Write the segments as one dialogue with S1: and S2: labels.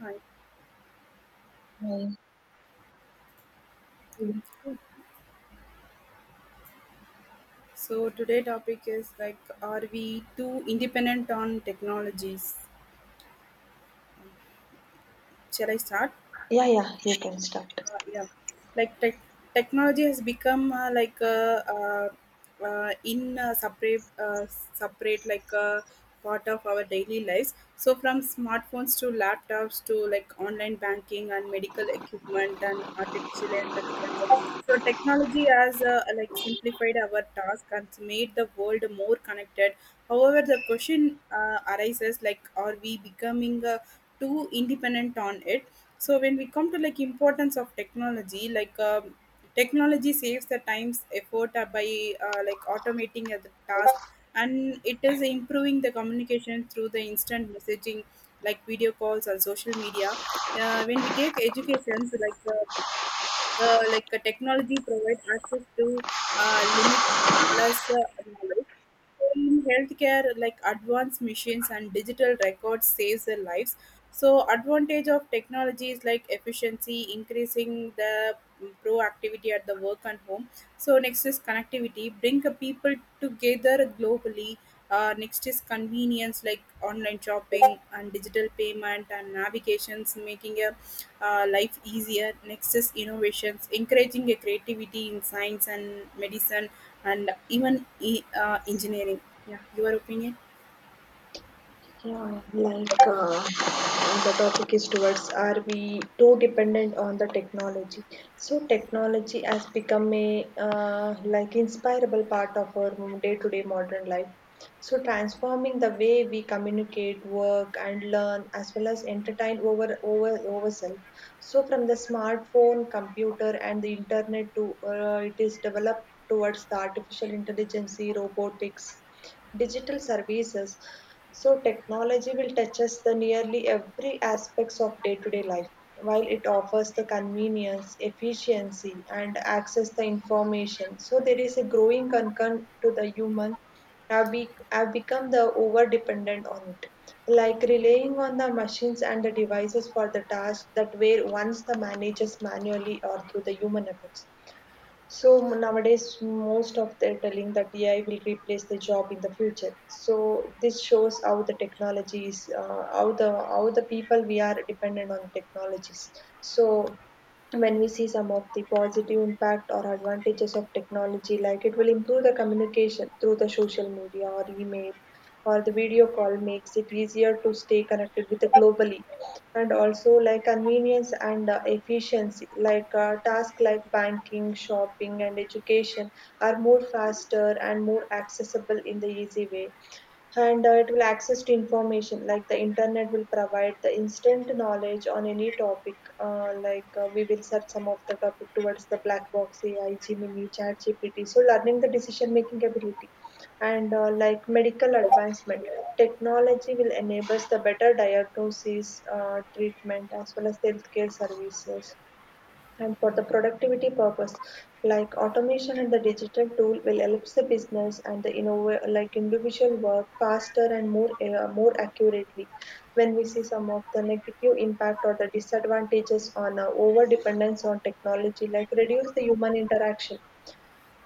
S1: Hi.
S2: Right.
S1: So today topic is like, are we too independent on technologies? Shall I start?
S2: Yeah, yeah, you can start.
S1: Yeah, like technology has become like uh, in separate separate like part of our daily lives, so from smartphones to laptops to like online banking and medical equipment and artificial intelligence. So technology has like simplified our task and made the world more connected. However, the question arises like, are we becoming too independent on it? So when we come to like importance of technology, like technology saves the times effort by like automating a task, and it is improving the communication through the instant messaging, like video calls and social media. When we take educations, like technology provides access to limitless knowledge. So in healthcare, like advanced machines and digital records saves their lives. So advantage of technology is like efficiency, increasing the proactivity at the work and home. So next is connectivity, bring the people together globally. Next is convenience, like online shopping and digital payment and navigations, making a life easier. Next is innovations, encouraging a creativity in science and medicine and even engineering. Yeah, your opinion?
S2: Yeah, the topic is towards, are we too dependent on the technology? So technology has become a like inspirable part of our day-to-day modern life. So transforming the way we communicate, work, and learn, as well as entertain over ourselves. So from the smartphone, computer, and the internet to it is developed towards the artificial intelligence, robotics digital services. So technology will touch us the nearly every aspects of day-to-day life. While it offers the convenience, efficiency, and access the information, so there is a growing concern to the human have become the over dependent on it, like relying on the machines and the devices for the tasks that were once the managers manually or through the human efforts. So nowadays, most of they're telling that AI will replace the job in the future. So this shows how the technologies, how the people we are dependent on technologies. So when we see some of the positive impact or advantages of technology, like it will improve the communication through the social media or email or the video call makes it easier to stay connected with the globally, and also like convenience and efficiency, tasks like banking shopping and education are more faster and more accessible in the easy way, and it will access to information like the internet will provide the instant knowledge on any topic, we will search some of the topic towards the black box ai gemini chat gpt so learning the decision making ability, and like medical advancement technology will enable the better diagnosis treatment as well as healthcare services, and for the productivity purpose, like automation and the digital tool will helps the business and the like individual work faster and more accurately. When we see some of the negative impact or the disadvantages on over dependence on technology, like reduce the human interaction.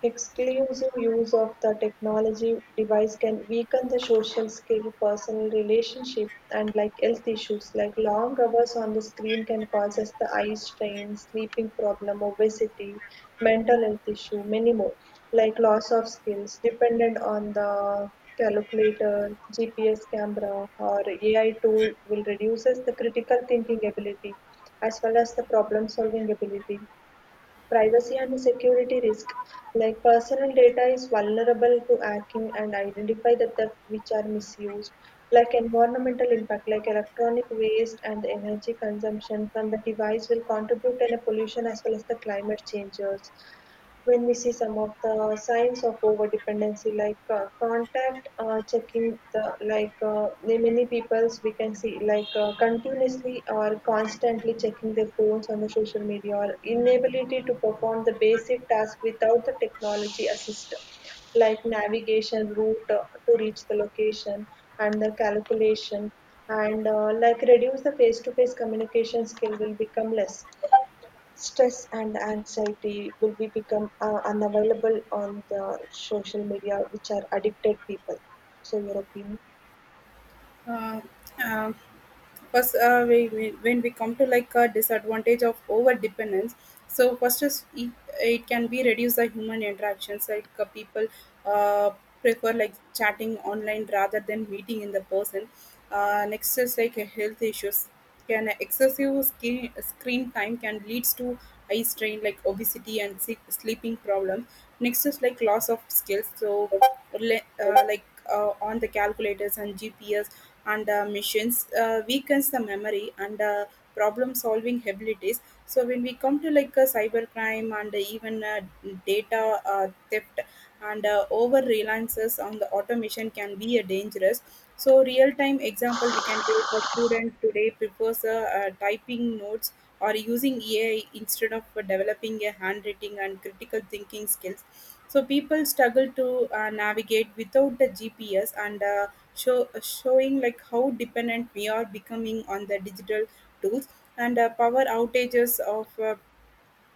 S2: Exclusive use of the technology device can weaken the social skill, personal relationship, and like health issues like long hours on the screen can cause us the eye strain, sleeping problem, obesity, mental health issue, many more, like loss of skills dependent on the calculator, GPS camera, or AI tool will reduces the critical thinking ability as well as the problem solving ability, privacy and security risk, like personal data is vulnerable to hacking and identify the theft which are misused, like environmental impact, like electronic waste and the energy consumption from the device will contribute to the pollution as well as the climate changes. When we see some of the signs of over dependency, like contact checking the the many peoples we can see, continuously or constantly checking their phones on the social media, or inability to perform the basic task without the technology assist, like navigation route to reach the location and the calculation, and like reduce the face-to-face communication skill will become less. Stress and anxiety will be become unavailable on the social media, which are addicted people. So your opinion?
S1: Uh, uh, first, when we come to like a disadvantage of over dependence, so first is it can be reduce the human interactions, like people uh, prefer like chatting online rather than meeting in the person. Next is like health issues, can excessive screen time can leads to eye strain, like obesity and sleeping problems. Next is like loss of skills, so le- uh, like on the calculators and gps and machines weakens the memory and problem solving abilities. So when we come to like cybercrime and even data theft and over reliances on the automation can be a dangerous. So real time example, we can take a student today prefers typing notes or using ai instead of developing a handwriting and critical thinking skills. So people struggle to navigate without the gps, and showing like how dependent we are becoming on the digital tools. And power outages of uh,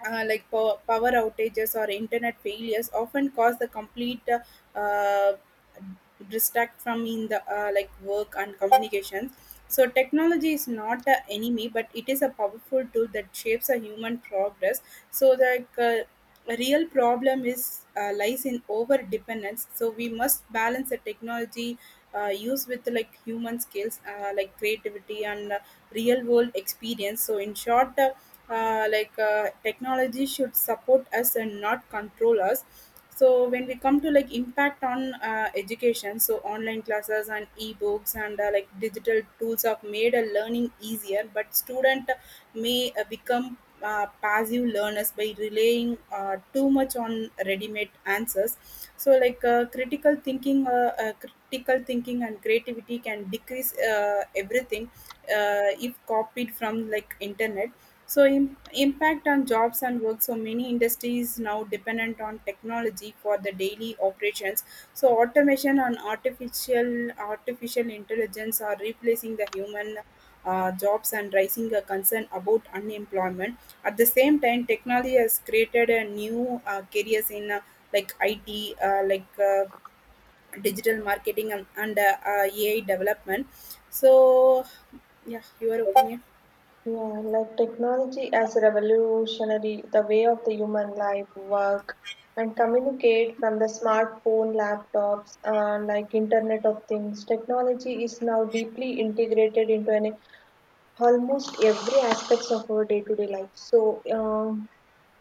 S1: uh, like pow- power outages or internet failures often cause the complete distract from in the like work and communications. So technology is not the enemy, but it is a powerful tool that shapes a human progress. So a real problem is lies in over dependence, so we must balance the technology use with like human skills, like creativity and real world experience. So, in short, technology should support us and not control us. So, when we come to like impact on education, so online classes and e-books and like digital tools have made a learning easier, but student may become passive learners by relying too much on ready-made answers. So like critical thinking and creativity can decrease everything if copied from like internet. So impact on jobs and work, so many industries now dependent on technology for the daily operations. So automation and artificial intelligence are replacing the human jobs and raising a concern about unemployment. At the same time, technology has created a new careers in like it like uh, digital marketing and AI development. So, yeah, your opinion.
S2: Yeah, like technology has revolutionary the way of the human life, work, and communicate from the smartphone, laptops, like Internet of Things. Technology is now deeply integrated into an almost every aspects of our day-to-day life. So, um,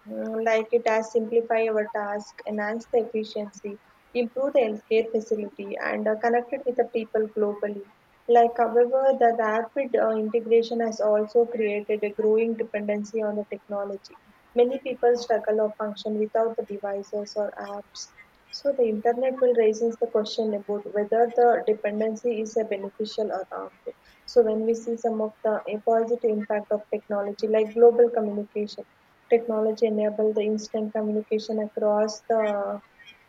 S2: Mm, like it has simplify our task, enhance the efficiency, improve the healthcare facility, and connected with the people globally. Like, however, the rapid integration has also created a growing dependency on the technology. Many people struggle or function without the devices or apps. So the internet will raise the question about whether the dependency is a beneficial or harmful. So when we see some of the positive impact of technology, like global communication. Technology enable the instant communication across the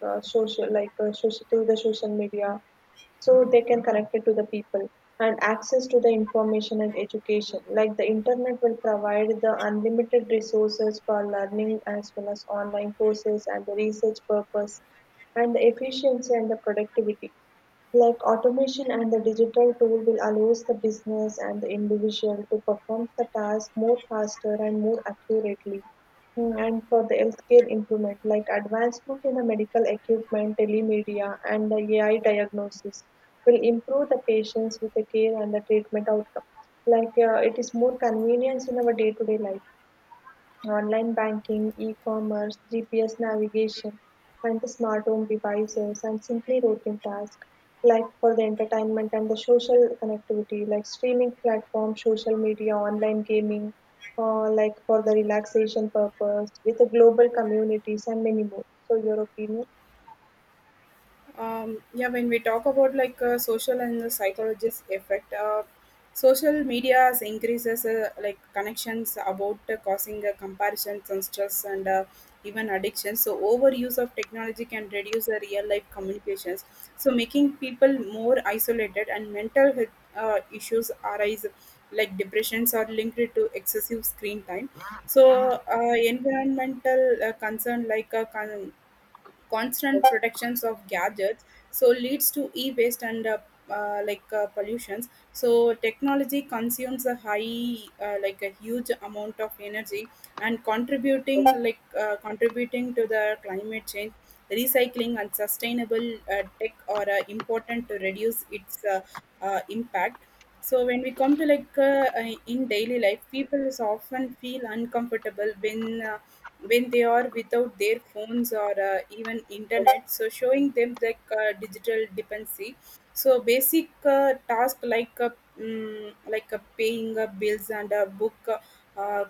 S2: social, through the social media, so they can connect it to the people and access to the information and education. Like the internet will provide the unlimited resources for learning as well as online courses and the research purpose, and the efficiency and the productivity, like automation and the digital tool will allows the business and the individual to perform the task more faster and more accurately. And for the healthcare improvement, like advancement in the medical equipment, telemedia, and the AI diagnosis will improve the patients with the care and the treatment outcome. Like it is more convenience in our day-to-day life. Online banking, e-commerce, GPS navigation, and the smart home devices, and simply routine tasks like for the entertainment and the social connectivity, like streaming platforms, social media, online gaming, like for the relaxation purpose, with the global communities and many more. So your opinion?
S1: Yeah, when we talk about like social and the psychologist effect, social media has increases like connections about causing comparisons and stress and even addiction. So overuse of technology can reduce the real life communications, so making people more isolated, and mental health issues arise, like depressions are linked to excessive screen time. So environmental concern, like constant protections of gadgets, so leads to e-waste and pollutions. So technology consumes a high like a huge amount of energy and contributing to the climate change. Recycling and sustainable tech are important to reduce its impact. So when we come to like in daily life, people is often feel uncomfortable when they are without their phones or even internet, so showing them like digital dependency. So basic task like paying bills and uh,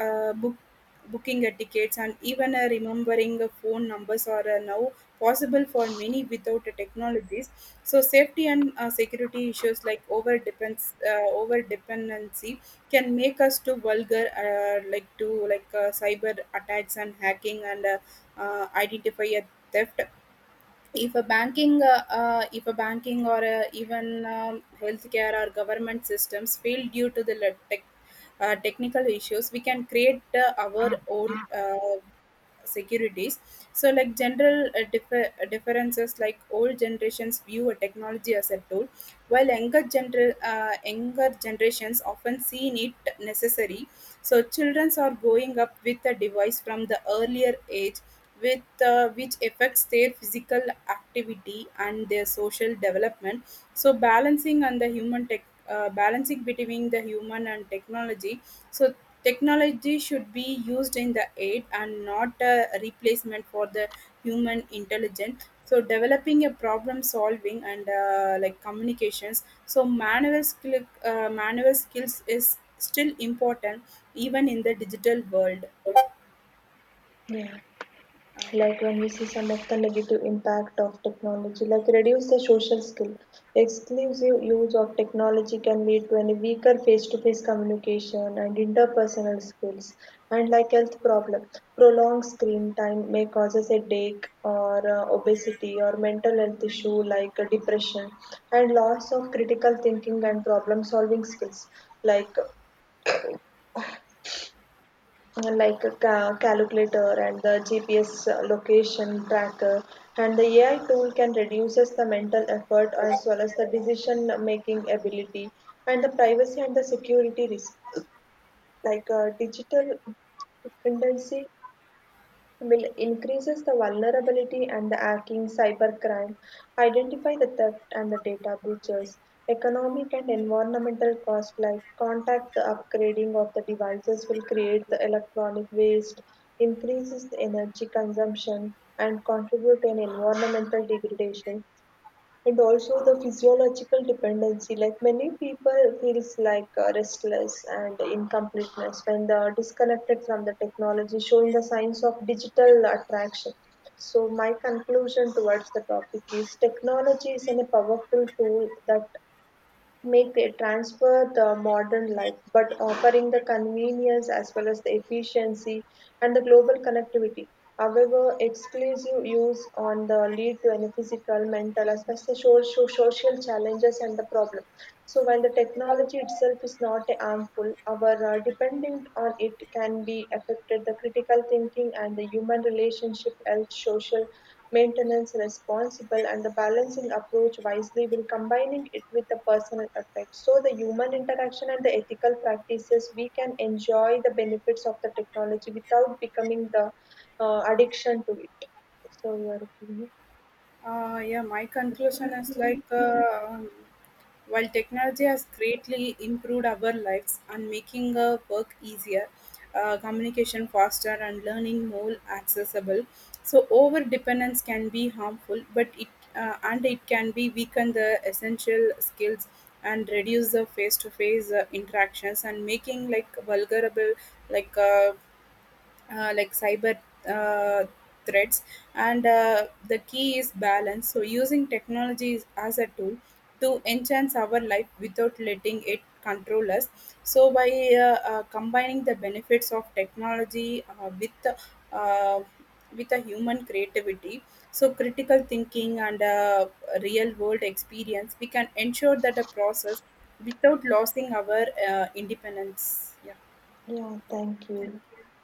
S1: uh, book booking tickets and even remembering phone numbers are now possible for many without technologies. So safety and security issues, like over dependency can make us to vulgar like cyber attacks and hacking and identify a theft. If a banking or even healthcare or government systems fail due to the technical issues, we can create our
S2: Ah.
S1: own securities. So like general differences, like old generations view a technology as a tool, while younger generations often see it necessary. So children are growing up with a device from the earlier age, with which affects their physical activity and their social development. So balancing between the human and technology. So technology should be used in the aid and not a replacement for the human intelligence. So developing a problem solving and like communications, so manual skills is still important even in the digital world.
S2: Yeah.
S1: Uh,
S2: Like when we see some of the negative impact of technology, like reduce the social skill, exclusive use of technology can lead to any weaker face-to-face communication and interpersonal skills, and like health problem, prolonged screen time may causes headache or obesity or mental health issue, like depression, and loss of critical thinking and problem solving skills, like calculator and the GPS location tracker. And the AI tool can reduces the mental effort as well as the decision making ability, and the privacy and the security risk. Like digital dependency will increases the vulnerability and the hacking, cybercrime, identify the theft and the data breaches, economic and environmental costs like contact the upgrading of the devices will create the electronic waste, increases the energy consumption and contribute to an environmental degradation. And also the physiological dependency, like many people feels like restless and incompleteness when they are disconnected from the technology, showing the signs of digital attraction. So my conclusion towards the topic is technology is a powerful tool that make they transfer the modern life, but offering the convenience as well as the efficiency and the global connectivity. However, exclusive use on the lead to any physical, mental, as well as the social, social challenges and the problem. So while the technology itself is not harmful, our dependent on it can be affected the critical thinking and the human relationship, health, social maintenance, responsible and the balancing approach wisely will combining it with the personal effect. So the human interaction and the ethical practices, we can enjoy the benefits of the technology without becoming the addiction to it. So your opinion?
S1: Yeah, my conclusion is like while technology has greatly improved our lives and making work easier, communication faster, and learning more accessible. So over dependence can be harmful, but it and it can be weaken the essential skills and reduce the face-to-face interactions and making like vulnerable like uh, like cyber uh, threats. And the key is balance, so using technology as a tool to enhance our life without letting it control us. So by combining the benefits of technology uh, with a human creativity, so critical thinking and real world experience, we can ensure that a process without losing our independence. Yeah.
S2: Yeah, thank
S1: Thank
S2: you.
S1: you.